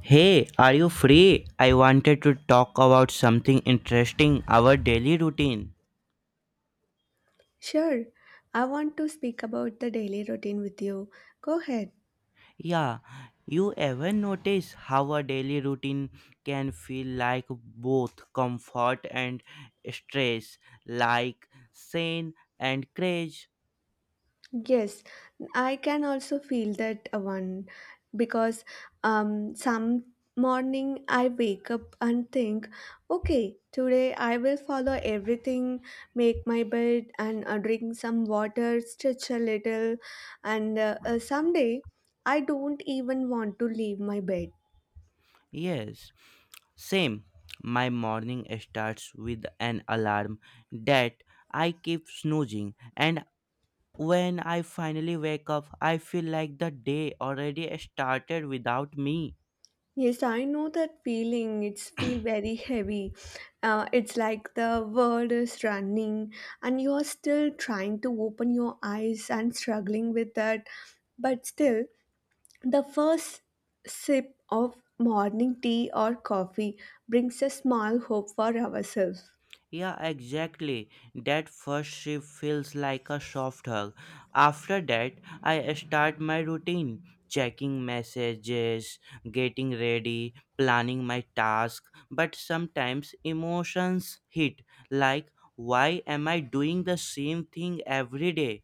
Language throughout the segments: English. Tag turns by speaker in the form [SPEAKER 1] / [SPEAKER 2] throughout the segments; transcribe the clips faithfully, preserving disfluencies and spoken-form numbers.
[SPEAKER 1] Hey, are you free? I wanted to talk about something interesting our daily routine.
[SPEAKER 2] Sure, I want to speak about the daily routine with you. Go ahead.
[SPEAKER 1] Yeah, you ever notice how a daily routine can feel like both comfort and stress, like sin and craze?
[SPEAKER 2] Yes, I can also feel that uh, one because um, some morning I wake up and think, okay, today I will follow everything, make my bed and uh, drink some water, stretch a little, and uh, uh, someday I don't even want to leave my bed.
[SPEAKER 1] Yes, same. My morning starts with an alarm that I keep snoozing, and when I finally wake up, I feel like the day already started without me.
[SPEAKER 2] Yes, I know that feeling. It's feel very heavy. Uh, it's like the world is running and you're still trying to open your eyes and struggling with that. But still, the first sip of morning tea or coffee brings a small hope for ourselves.
[SPEAKER 1] Yeah, exactly. That first shift feels like a soft hug. After that, I start my routine, checking messages, getting ready, planning my task, but sometimes emotions hit like why am I doing the same thing every day?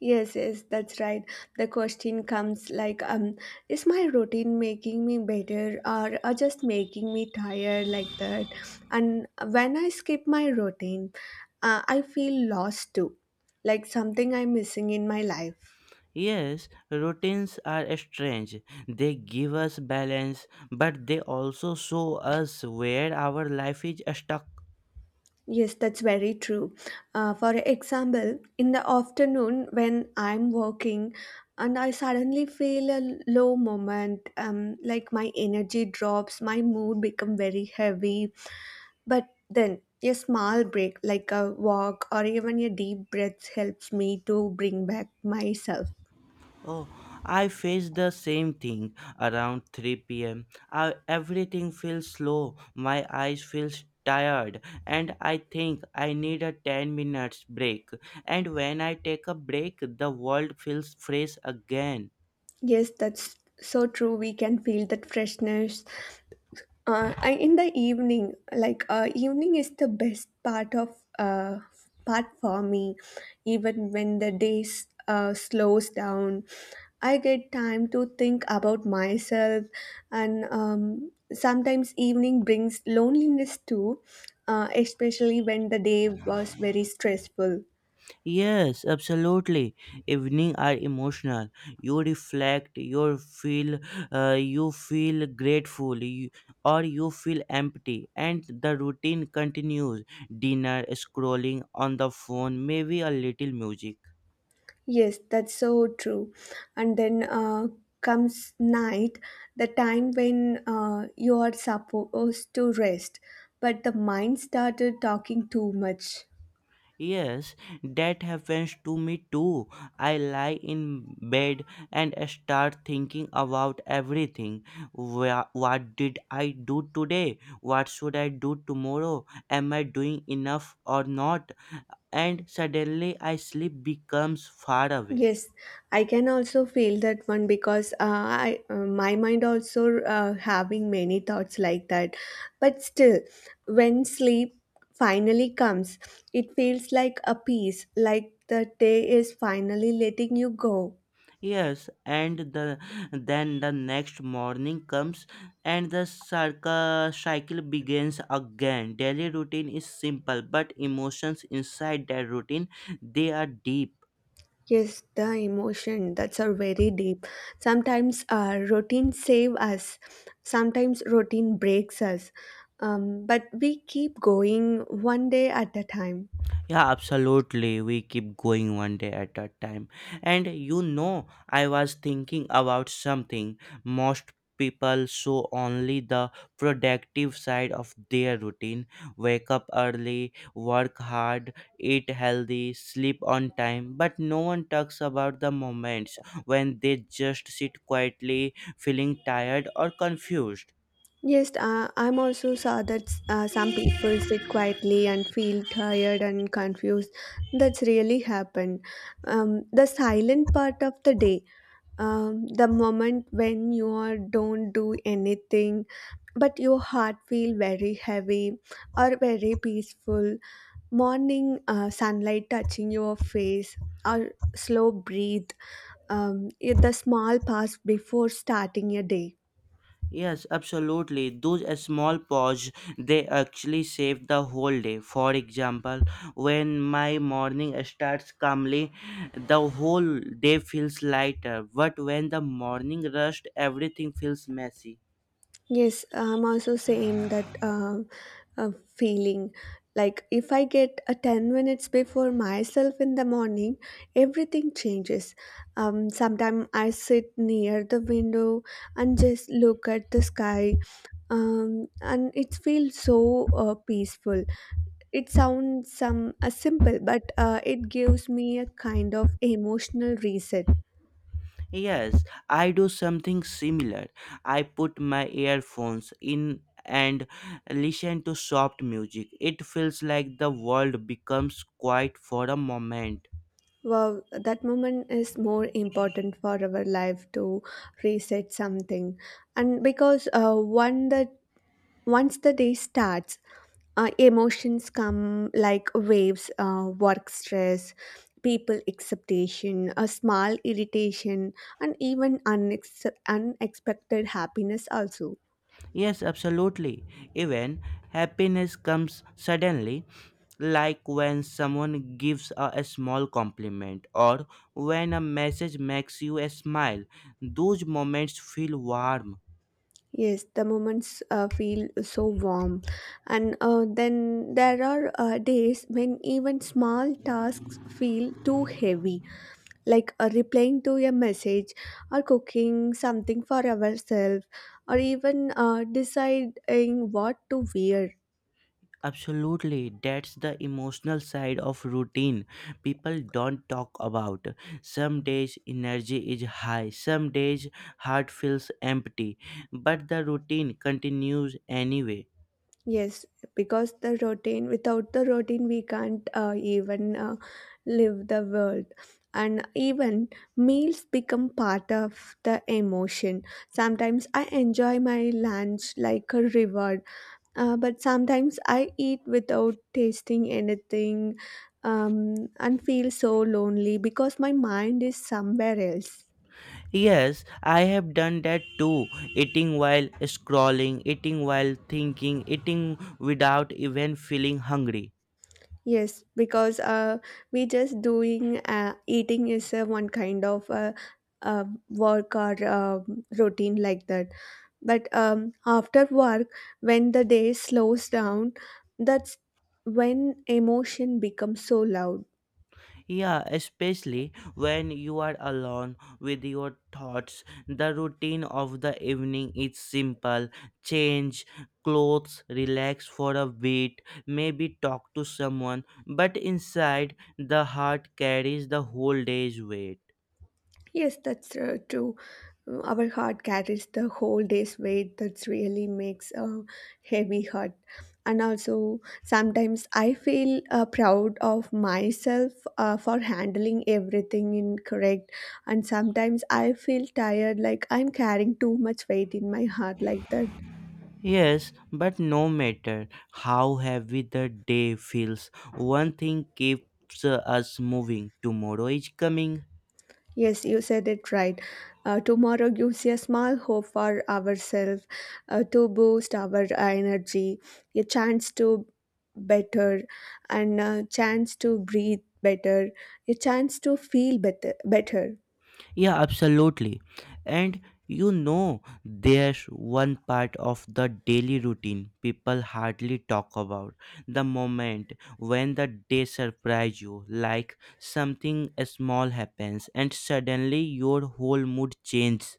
[SPEAKER 2] Yes, yes, that's right. The question comes like, um, is my routine making me better or, or just making me tired like that? And when I skip my routine, uh, I feel lost too, like something I'm missing in my life.
[SPEAKER 1] Yes, routines are strange. They give us balance, but they also show us where our life is stuck.
[SPEAKER 2] Yes, that's very true. Uh, for example, in the afternoon when I'm working and I suddenly feel a low moment, um, like my energy drops, my mood become very heavy. But then a small break, like a walk or even a deep breath, helps me to bring back myself.
[SPEAKER 1] Oh, I face the same thing around three p m. Everything feels slow, my eyes feel tired, and I think I need a ten minutes break. And when I take a break, the world feels fresh again.
[SPEAKER 2] Yes, that's so true. We can feel that freshness. Uh, I, in the evening, like uh, evening is the best part of uh, part for me. Even when the day s- uh, slows down, I get time to think about myself, and um, sometimes evening brings loneliness too, uh, especially when the day was very stressful.
[SPEAKER 1] Yes, absolutely. Evening are emotional. You reflect, you feel, uh, you feel grateful, you, or you feel empty, and the routine continues. Dinner, scrolling on the phone, maybe a little music.
[SPEAKER 2] Yes, that's so true. And then uh, comes night, the time when uh, you are supposed to rest, but the mind started talking too much.
[SPEAKER 1] Yes, that happens to me too. I lie in bed and start thinking about everything. Wha- What did I do today? What should I do tomorrow? Am I doing enough or not? And suddenly I sleep becomes far away.
[SPEAKER 2] Yes, I can also feel that one because uh, I uh, my mind also uh, having many thoughts like that. But still, when sleep finally comes, it feels like a peace, like the day is finally letting you go.
[SPEAKER 1] Yes, and the then the next morning comes and the circle cycle begins again. Daily routine is simple, but emotions inside that routine they are deep.
[SPEAKER 2] Yes, the emotion that's are very deep. Sometimes uh, routine save us. Sometimes routine breaks us. Um, but we keep going one day at a time.
[SPEAKER 1] Yeah, absolutely. We keep going one day at a time. And you know, I was thinking about something. Most people show only the productive side of their routine, wake up early, work hard, eat healthy, sleep on time. But no one talks about the moments when they just sit quietly, feeling tired or confused.
[SPEAKER 2] Yes, uh, I'm also saw that uh, some people sit quietly and feel tired and confused. That's really happened. Um, the silent part of the day, um, the moment when you are don't do anything but your heart feel very heavy or very peaceful morning uh, sunlight touching your face or slow breathe, um, the small pass before starting your day.
[SPEAKER 1] Yes, absolutely. Those uh, small pause, they actually save the whole day. For example, when my morning starts calmly, the whole day feels lighter. But when the morning rushed, everything feels messy.
[SPEAKER 2] Yes, I'm also same that um, uh, feeling. Like if I get a ten minutes before myself in the morning, everything changes. Um, sometimes I sit near the window and just look at the sky, um, and it feels so uh, peaceful. It sounds some uh, simple, but uh, it gives me a kind of emotional reset.
[SPEAKER 1] Yes, I do something similar. I put my earphones in and listen to soft music. It feels like the world becomes quiet for a moment.
[SPEAKER 2] Wow, that moment is more important for our life to reset something. And because uh, one that once the day starts, uh, emotions come like waves, uh, work stress, people expectation, a small irritation, and even unex- unexpected happiness also.
[SPEAKER 1] Yes, absolutely. Even happiness comes suddenly, like when someone gives a, a small compliment or when a message makes you a smile. Those moments feel warm.
[SPEAKER 2] Yes, the moments uh, feel so warm. And uh, then there are uh, days when even small tasks feel too heavy, like uh, replying to a message or cooking something for ourselves or even uh, deciding what to wear.
[SPEAKER 1] Absolutely, that's the emotional side of routine people don't talk about. Some days energy is high, some days heart feels empty, but the routine continues anyway.
[SPEAKER 2] Yes, because the routine, without the routine, we can't uh, even uh, live the world. And even meals become part of the emotion. Sometimes I enjoy my lunch like a reward, uh, but sometimes I eat without tasting anything, um, and feel so lonely because my mind is somewhere else.
[SPEAKER 1] Yes, I have done that too. Eating while scrolling, eating while thinking, eating without even feeling hungry.
[SPEAKER 2] Yes, because uh, we just doing uh, eating is uh, one kind of uh, uh, work or uh, routine like that. But um, after work, when the day slows down, that's when emotion becomes so loud.
[SPEAKER 1] Yeah, especially when you are alone with your thoughts. The routine of the evening is simple, change clothes, relax for a bit, maybe talk to someone, but inside the heart carries the whole day's weight.
[SPEAKER 2] Yes, that's uh, true. Uh, Our heart carries the whole day's weight. That really makes a heavy heart. And also, sometimes I feel uh, proud of myself uh, for handling everything incorrect. And sometimes I feel tired, like I'm carrying too much weight in my heart, like that.
[SPEAKER 1] Yes, but no matter how heavy the day feels, one thing keeps uh, us moving. Tomorrow is coming.
[SPEAKER 2] Yes, you said it right. Uh, tomorrow gives a small hope for ourselves uh, to boost our energy, a chance to better, and a chance to breathe better, a chance to feel better. better.
[SPEAKER 1] Yeah, absolutely. And you know, there's one part of the daily routine people hardly talk about, the moment when the day surprises you, like something small happens and suddenly your whole mood changes.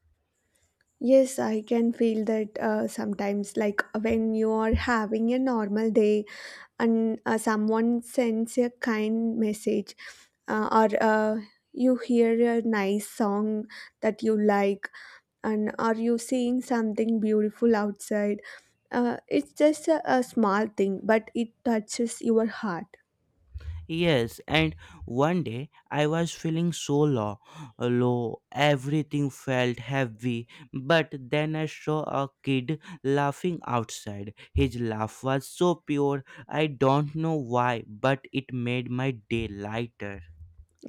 [SPEAKER 2] Yes, I can feel that uh, sometimes, like when you are having a normal day and uh, someone sends a kind message, uh, or uh, you hear a nice song that you like and are you seeing something beautiful outside? Uh, it's just a, a small thing, but it touches your heart.
[SPEAKER 1] Yes, and one day I was feeling so low, low. Everything felt heavy. But then I saw a kid laughing outside. His laugh was so pure. I don't know why, but it made my day lighter.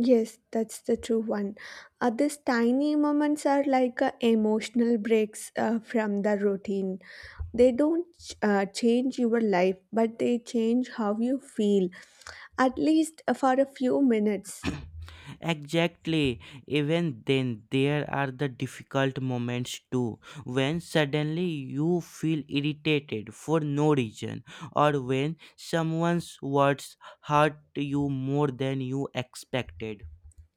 [SPEAKER 2] Yes, that's the true one. Uh, these tiny moments are like uh, emotional breaks uh, from the routine. They don't uh, change your life, but they change how you feel, at least for a few minutes.
[SPEAKER 1] Exactly. Even then, there are the difficult moments too, when suddenly you feel irritated for no reason, or when someone's words hurt you more than you expected.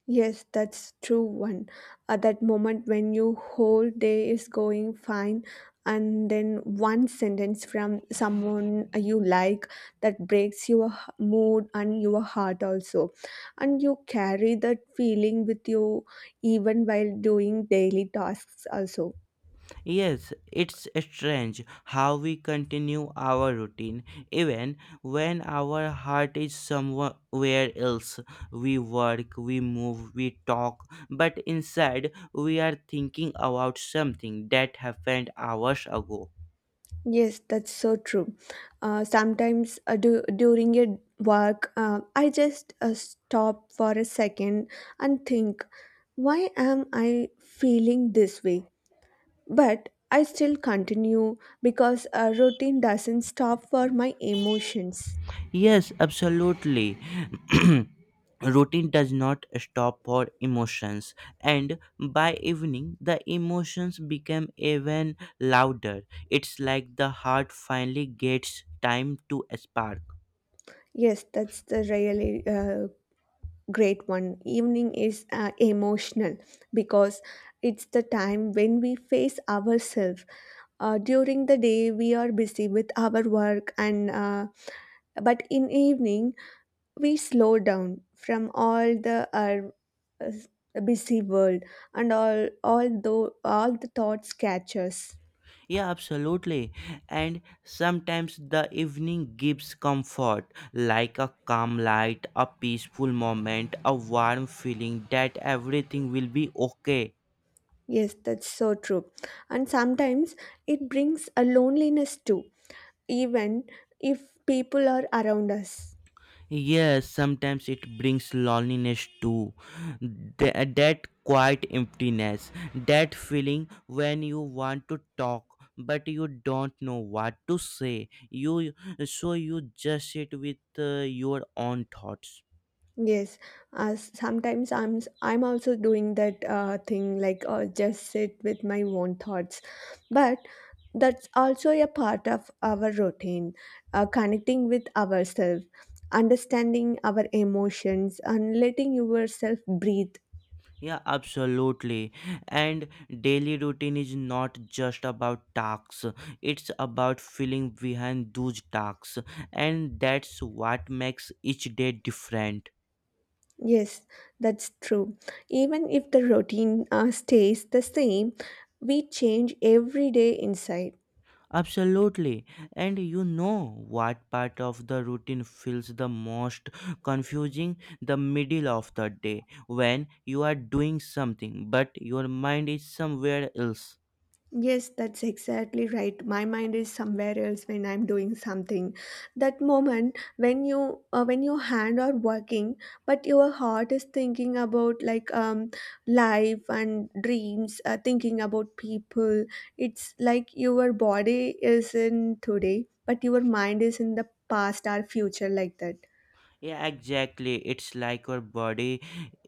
[SPEAKER 2] Yes, that's true one. At that moment when your whole day is going fine and then one sentence from someone you like that breaks your h- mood and your heart also. And you carry that feeling with you even while doing daily tasks also.
[SPEAKER 1] Yes, it's strange how we continue our routine even when our heart is somewhere else. We work, we move, we talk, but inside we are thinking about something that happened hours ago.
[SPEAKER 2] Yes, that's so true. Uh, sometimes uh, du- during your work, uh, I just uh, stop for a second and think, why am I feeling this way? But I still continue because a routine doesn't stop for my emotions.
[SPEAKER 1] Yes, absolutely. Routine does not stop for emotions, and by evening, the emotions become even louder. It's like the heart finally gets time to spark.
[SPEAKER 2] Yes, that's the really uh, great one. Evening is uh, emotional because it's the time when we face ourselves. Uh, during the day, we are busy with our work, and uh, but in evening, we slow down from all the uh, s- busy world and all all though all the thoughts catch us.
[SPEAKER 1] Yeah, absolutely. And sometimes the evening gives comfort, like a calm light, a peaceful moment, a warm feeling that everything will be okay.
[SPEAKER 2] Yes, that's so true. And sometimes it brings a loneliness too, even if people are around us.
[SPEAKER 1] Yes, sometimes it brings loneliness too. Th- that quiet emptiness, that feeling when you want to talk but you don't know what to say. You, so you just sit with uh, your own thoughts.
[SPEAKER 2] Yes, uh, sometimes I'm I'm also doing that uh, thing, like uh, just sit with my own thoughts, but that's also a part of our routine, uh, connecting with ourselves, understanding our emotions, and letting yourself breathe.
[SPEAKER 1] Yeah, absolutely. And daily routine is not just about tasks. It's about feeling behind those tasks, and that's what makes each day different.
[SPEAKER 2] Yes, that's true. Even if the routine uh, stays the same, we change every day inside.
[SPEAKER 1] Absolutely. And you know what part of the routine feels the most confusing? The middle of the day when you are doing something but your mind is somewhere else.
[SPEAKER 2] Yes, that's exactly right. My mind is somewhere else when I'm doing something. That moment when you uh, when your hand are working, but your heart is thinking about like um life and dreams, uh, thinking about people. It's like your body is in today, but your mind is in the past or future like that.
[SPEAKER 1] Yeah, exactly. It's like your body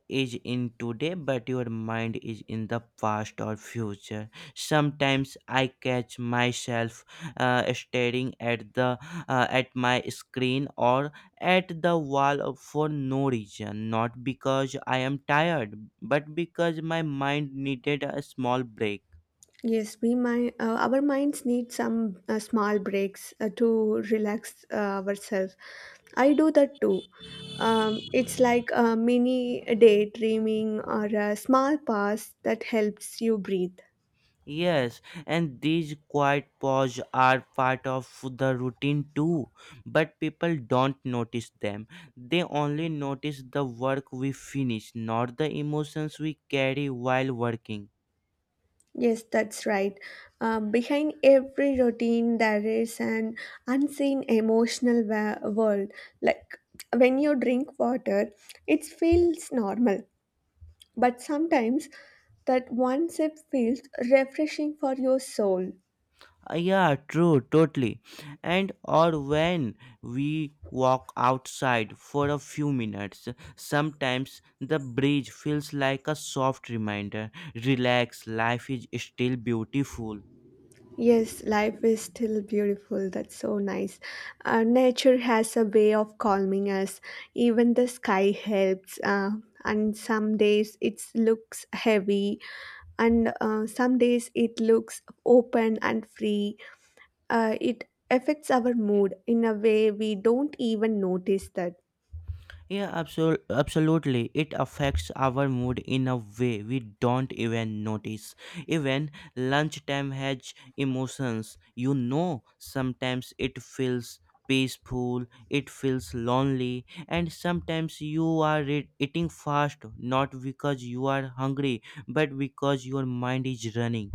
[SPEAKER 1] is in today, but your mind is in the past or future. Sometimes I catch myself uh, staring at the uh, at my screen or at the wall for no reason, not because I am tired, but because my mind needed a small break.
[SPEAKER 2] Yes, we mind, uh, our minds need some uh, small breaks uh, to relax uh, ourselves. I do that too. Um, it's like a mini daydreaming or a small pause that helps you breathe.
[SPEAKER 1] Yes, and these quiet pauses are part of the routine too, but people don't notice them. They only notice the work we finish, not the emotions we carry while working.
[SPEAKER 2] Yes, that's right. Um, behind every routine, there is an unseen emotional wa- world. Like when you drink water, it feels normal, but sometimes that one sip feels refreshing for your soul.
[SPEAKER 1] Uh, yeah, true, totally. And or when we walk outside for a few minutes, sometimes the breeze feels like a soft reminder. Relax, life is still beautiful.
[SPEAKER 2] Yes, life is still beautiful. That's so nice. Uh, nature has a way of calming us. Even the sky helps. Uh, and some days it looks heavy, and uh, some days it looks open and free. Uh, it affects our mood in a way we don't even notice that.
[SPEAKER 1] Yeah, absol- absolutely. It affects our mood in a way we don't even notice. Even lunchtime has emotions. You know, sometimes it feels peaceful, it feels lonely, and sometimes you are re- eating fast not because you are hungry but because your mind is running.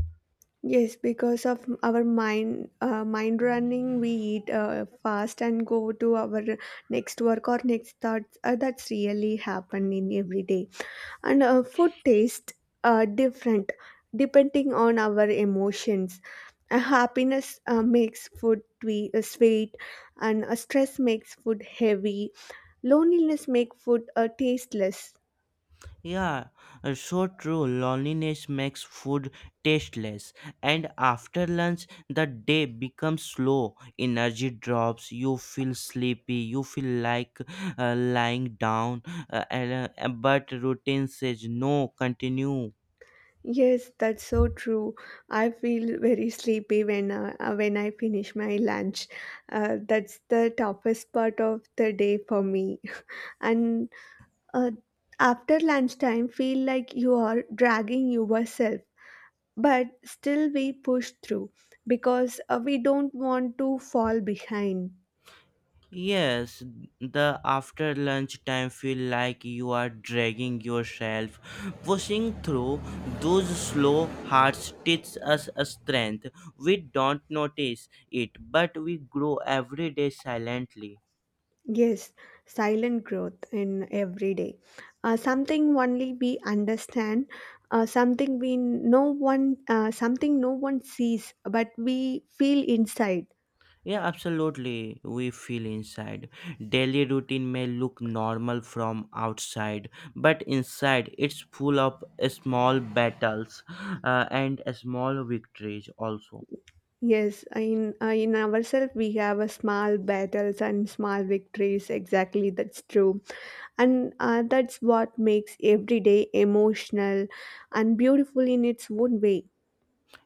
[SPEAKER 2] Yes, because of our mind uh, mind running, we eat uh, fast and go to our next work or next thoughts. Uh, that's really happen in every day, and uh, food tastes uh, different depending on our emotions. Uh, happiness uh, makes food twe- uh, sweet, and uh, stress makes food heavy. Loneliness makes food uh, tasteless.
[SPEAKER 1] Yeah, uh, so true. Loneliness makes food tasteless, and after lunch, the day becomes slow. Energy drops. You feel sleepy. You feel like uh, lying down. Uh, and, uh, but routine says no. Continue.
[SPEAKER 2] Yes, that's so true. I feel very sleepy when uh, uh, when I finish my lunch. Uh, that's the toughest part of the day for me. And uh, after lunchtime, feel like you are dragging yourself, but still we push through because uh, we don't want to fall behind.
[SPEAKER 1] Yes, the after lunch time feel like you are dragging yourself. Pushing through those slow hearts teaches us a strength. We don't notice it, but we grow every day silently.
[SPEAKER 2] Yes, silent growth in every day. Uh, something only we understand, uh, something we no one, uh, something no one sees, but we feel inside.
[SPEAKER 1] Yeah, absolutely. We feel inside. Daily routine may look normal from outside, but inside it's full of small battles uh, and small victories also.
[SPEAKER 2] Yes, in uh, in ourselves we have a small battles and small victories. Exactly, that's true, and uh, that's what makes every day emotional and beautiful in its own way.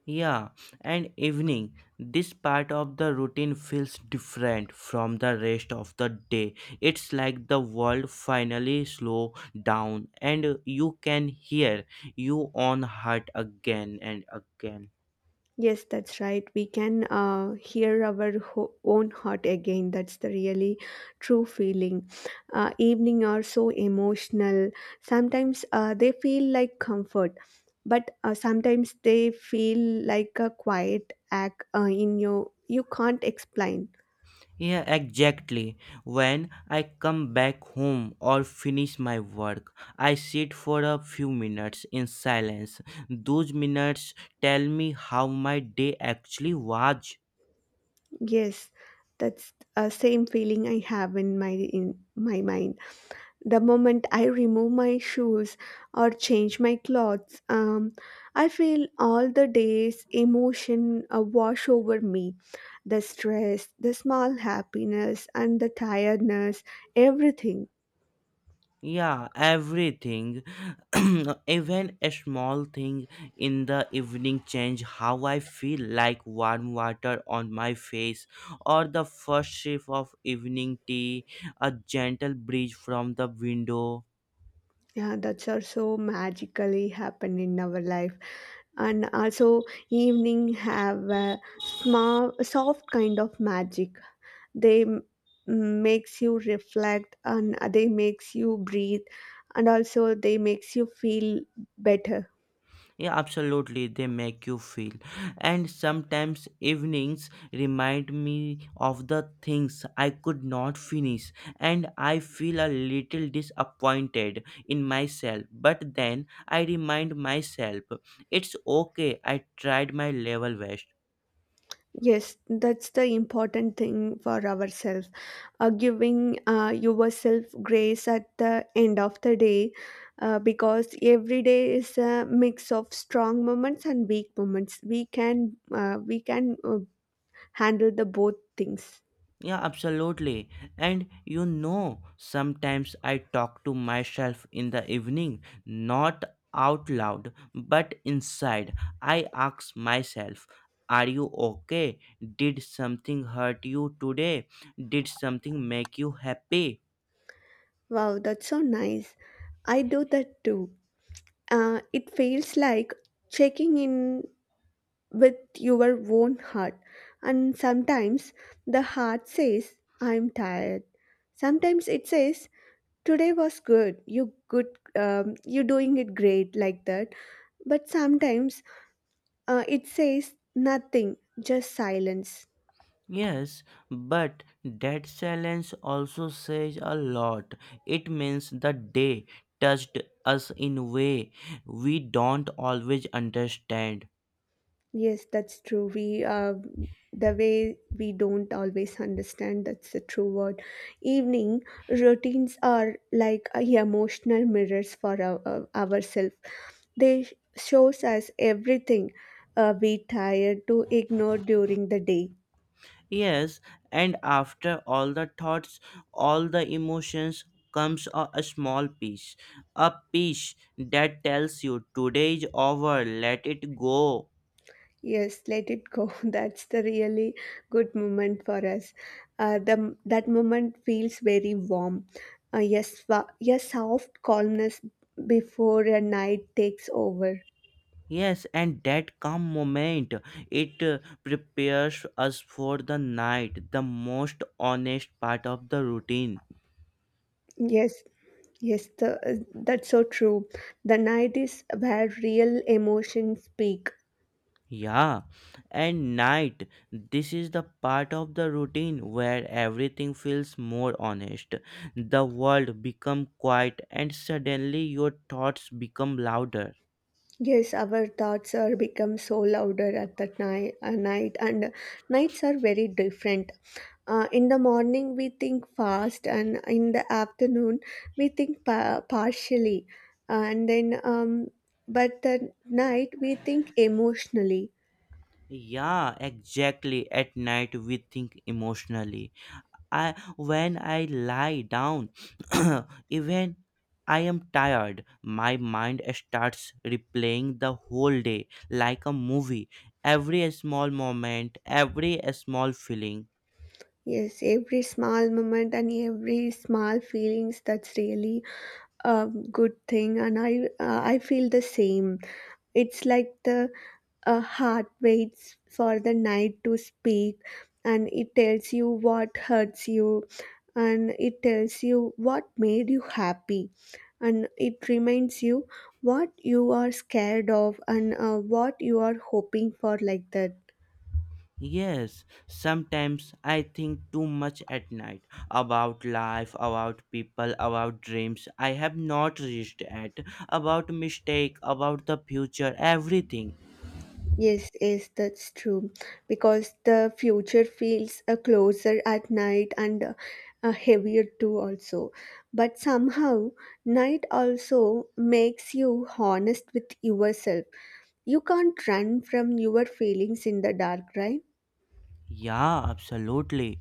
[SPEAKER 1] Yeah, and evening. This part of the routine feels different from the rest of the day. It's like the world finally slow down and you can hear your own heart again and again.
[SPEAKER 2] Yes, that's right. We can uh, hear our ho- own heart again. That's the really true feeling. Uh, evening are so emotional. Sometimes uh, they feel like comfort, but uh, sometimes they feel like a quiet act uh, in your you can't explain.
[SPEAKER 1] Yeah, exactly. When I come back home or finish my work, I sit for a few minutes in silence. Those minutes tell me how my day actually was.
[SPEAKER 2] Yes, that's uh, same feeling I have in my in my mind. The moment I remove my shoes or change my clothes, um, I feel all the day's emotion uh, wash over me. The stress, the small happiness, and the tiredness, everything.
[SPEAKER 1] Yeah, everything. Even a small thing in the evening change how I feel, like warm water on my face or the first sip of evening tea, a gentle breeze from the window.
[SPEAKER 2] Yeah, that's also magically happen in our life. And also, evening have a small, soft kind of magic. they m- makes you reflect and they makes you breathe and also they makes you feel better.
[SPEAKER 1] Yeah, absolutely, they make you feel. And sometimes evenings remind me of the things I could not finish, and I feel a little disappointed in myself, but then I remind myself, it's okay, I tried my level best.
[SPEAKER 2] Yes, that's the important thing for ourselves, uh, giving uh, yourself grace at the end of the day, uh, because every day is a mix of strong moments and weak moments. We can uh, we can uh, handle the both things.
[SPEAKER 1] Yeah, absolutely. And you know, sometimes I talk to myself in the evening, not out loud, but inside. I ask myself, are you okay? Did something hurt you today? Did something make you happy?
[SPEAKER 2] Wow, that's so nice. I do that too. Uh, it feels like checking in with your own heart. And sometimes the heart says, I'm tired. Sometimes it says, today was good. You good. Um, you're doing it great like that. But sometimes uh, it says nothing, just silence.
[SPEAKER 1] Yes, but that silence also says a lot. It means the day touched us in a way we don't always understand.
[SPEAKER 2] Yes, that's true. We uh, The way we don't always understand, that's the true word. Evening routines are like uh, emotional mirrors for our, uh, ourselves. They sh- shows us everything uh, we tired to ignore during the day.
[SPEAKER 1] Yes, and after all the thoughts, all the emotions comes a, a small piece, a piece that tells you today is over, let it go.
[SPEAKER 2] Yes, let it go. That's the really good moment for us. Uh, the that moment feels very warm. Uh, yes, wa- yes, soft calmness before a night takes over.
[SPEAKER 1] Yes, and that calm moment, it uh, prepares us for the night, the most honest part of the routine.
[SPEAKER 2] Yes, yes, the, uh, that's so true. The night is where real emotions speak.
[SPEAKER 1] Yeah, and night. This is the part of the routine where everything feels more honest. The world become quiet and suddenly your thoughts become louder.
[SPEAKER 2] Yes, our thoughts are become so louder at that night, uh, night, and nights are very different. Uh, in the morning, we think fast, and in the afternoon, we think pa- partially, and then um, but the night we think emotionally.
[SPEAKER 1] Yeah, exactly. At night we think emotionally. I when I lie down, even I am tired, my mind starts replaying the whole day like a movie. Every small moment, every small feeling.
[SPEAKER 2] Yes, every small moment and every small feelings, that's really a good thing, and i uh, I feel the same. It's like the uh, heart waits for the night to speak, and it tells you what hurts you, and it tells you what made you happy, and it reminds you what you are scared of, and uh, what you are hoping for like that.
[SPEAKER 1] Yes, sometimes I think too much at night about life, about people, about dreams I have not reached at, about mistake, about the future, everything.
[SPEAKER 2] Yes, yes, that's true. Because the future feels uh, closer at night, and uh, uh, heavier too, also. But somehow, night also makes you honest with yourself. You can't run from your feelings in the dark, right?
[SPEAKER 1] Yeah, absolutely.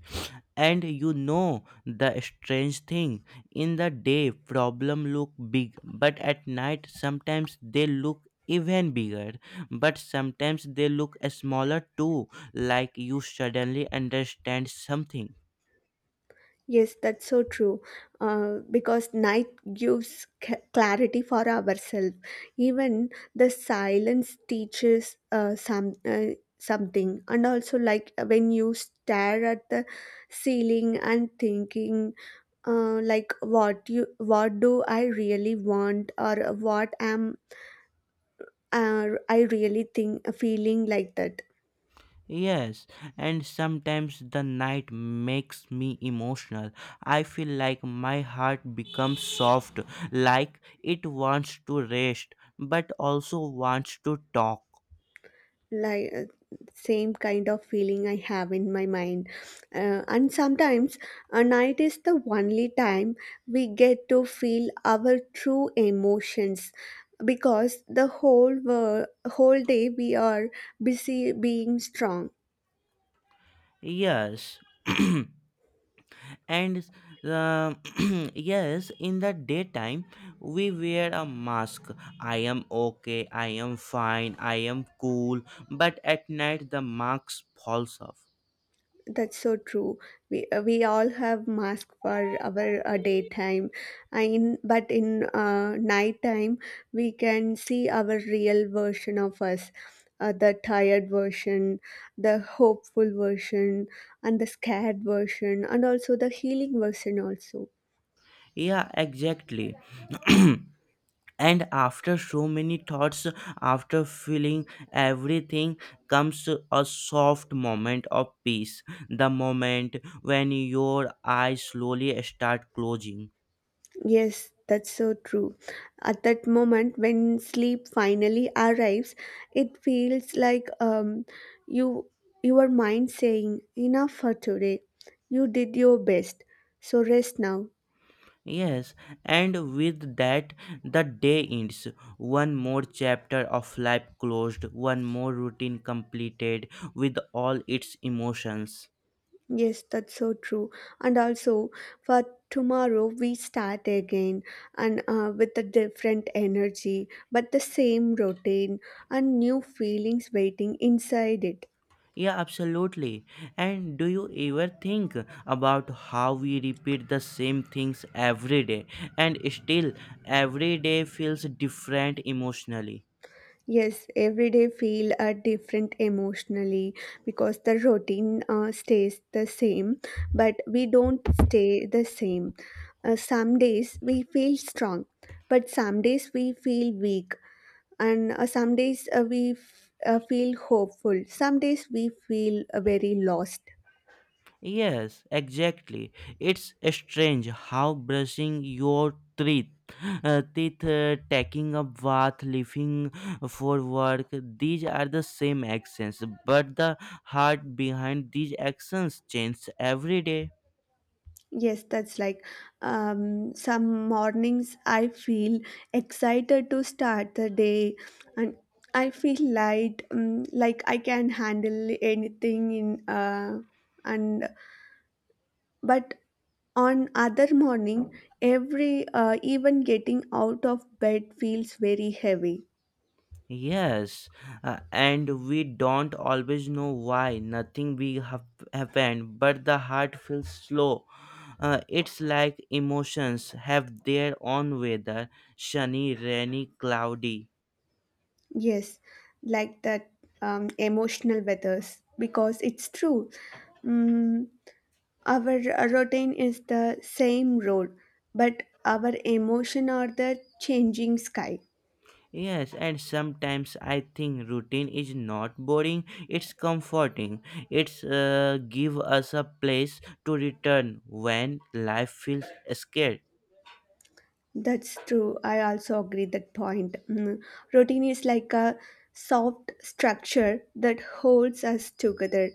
[SPEAKER 1] And you know the strange thing, in the day problem look big but at night sometimes they look even bigger, but sometimes they look smaller too, like you suddenly understand something.
[SPEAKER 2] Yes, that's so true. Uh, because night gives c- clarity for ourselves. Even the silence teaches uh, some uh, something. And also, like when you stare at the ceiling and thinking, uh, like what you what do I really want, or what am uh, I really think feeling like that.
[SPEAKER 1] Yes, and sometimes the night makes me emotional. I feel like my heart becomes soft, like it wants to rest but also wants to talk.
[SPEAKER 2] Like uh, same kind of feeling I have in my mind, uh, and sometimes a night is the only time we get to feel our true emotions, because the whole wor- whole day we are busy being strong.
[SPEAKER 1] Yes. and uh, yes, in the daytime, we wear a mask. I am okay, I am fine, I am cool, but at night the mask falls off.
[SPEAKER 2] That's so true. We uh, we all have mask for our uh, daytime, in but in uh, nighttime we can see our real version of us, uh, the tired version, the hopeful version, and the scared version, and also the healing version also.
[SPEAKER 1] Yeah, exactly. And after so many thoughts, after feeling everything, comes a soft moment of peace, the moment when your eyes slowly start closing.
[SPEAKER 2] Yes, that's so true. At that moment, when sleep finally arrives, it feels like um, you your mind saying, "Enough for today. You did your best, so rest now."
[SPEAKER 1] Yes, and with that the day ends, one more chapter of life closed, one more routine completed, with all its emotions.
[SPEAKER 2] Yes, that's so true. And also, for tomorrow, we start again and uh, with a different energy, but the same routine and new feelings waiting inside it.
[SPEAKER 1] Yeah, absolutely. And do you ever think about how we repeat the same things every day and still every day feels different emotionally?
[SPEAKER 2] Yes, every day feel uh, different emotionally, because the routine uh, stays the same, but we don't stay the same. Uh, some days we feel strong, but some days we feel weak, and uh, some days uh, we f- uh, feel hopeful. Some days we feel uh, very lost.
[SPEAKER 1] Yes, exactly. It's strange how brushing your teeth, uh, teeth uh, taking a bath, leaving for work, these are the same actions, but the heart behind these actions changes every day.
[SPEAKER 2] Yes, that's like um, some mornings I feel excited to start the day, and I feel light, um, like I can handle anything in uh, and but on other morning every uh, even getting out of bed feels very heavy.
[SPEAKER 1] Yes, uh, and we don't always know why nothing big hap- happened, but the heart feels slow. Uh, it's like emotions have their own weather, sunny, rainy, cloudy.
[SPEAKER 2] Yes, like that, um, emotional weathers, because it's true. Mm, Our routine is the same road, but our emotion are the changing sky.
[SPEAKER 1] Yes, and sometimes I think routine is not boring, it's comforting. It's uh, give us a place to return when life feels scared.
[SPEAKER 2] That's true. I also agree that point. Mm. Routine is like a soft structure that holds us together.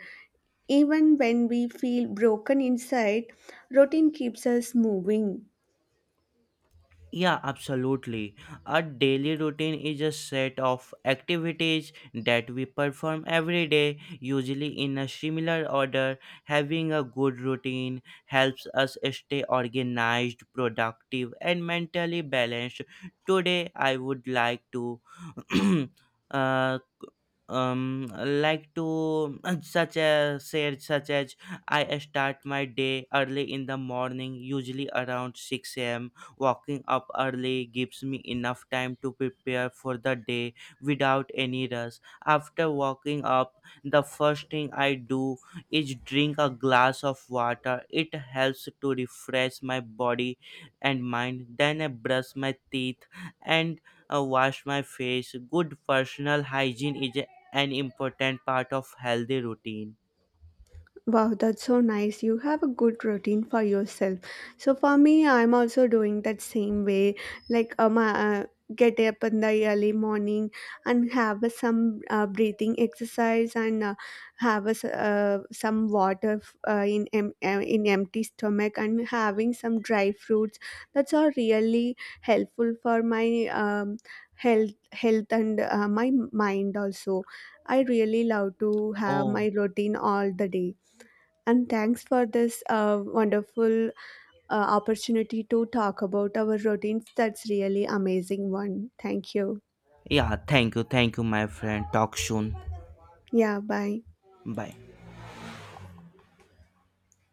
[SPEAKER 2] Even when we feel broken inside, routine keeps us moving.
[SPEAKER 1] Yeah, absolutely. A daily routine is a set of activities that we perform every day, usually in a similar order. Having a good routine helps us stay organized, productive, and mentally balanced. Today, I would like to uh, um like to such as say such as I start my day early in the morning, usually around six a m. Walking up early gives me enough time to prepare for the day without any rush. After waking up, the first thing I do is drink a glass of water. It helps to refresh my body and mind. Then I brush my teeth and uh, wash my face. Good personal hygiene is an important part of healthy routine.
[SPEAKER 2] Wow, that's so nice. You have a good routine for yourself. So for me, I'm also doing that same way. Like um, uh, uh, get up in the early morning and have a some uh, breathing exercise, and uh, have a s uh, some water f- uh, in em- em- in empty stomach, and having some dry fruits. That's all really helpful for my um, health health and uh, my mind also. I really love to have
[SPEAKER 1] Oh,
[SPEAKER 2] my routine all the day, and thanks for this uh, wonderful uh, opportunity to talk about our routines. That's really amazing one. Thank you.
[SPEAKER 1] yeah, thank you, thank you, my friend. Talk soon.
[SPEAKER 2] Yeah, bye.
[SPEAKER 1] Bye.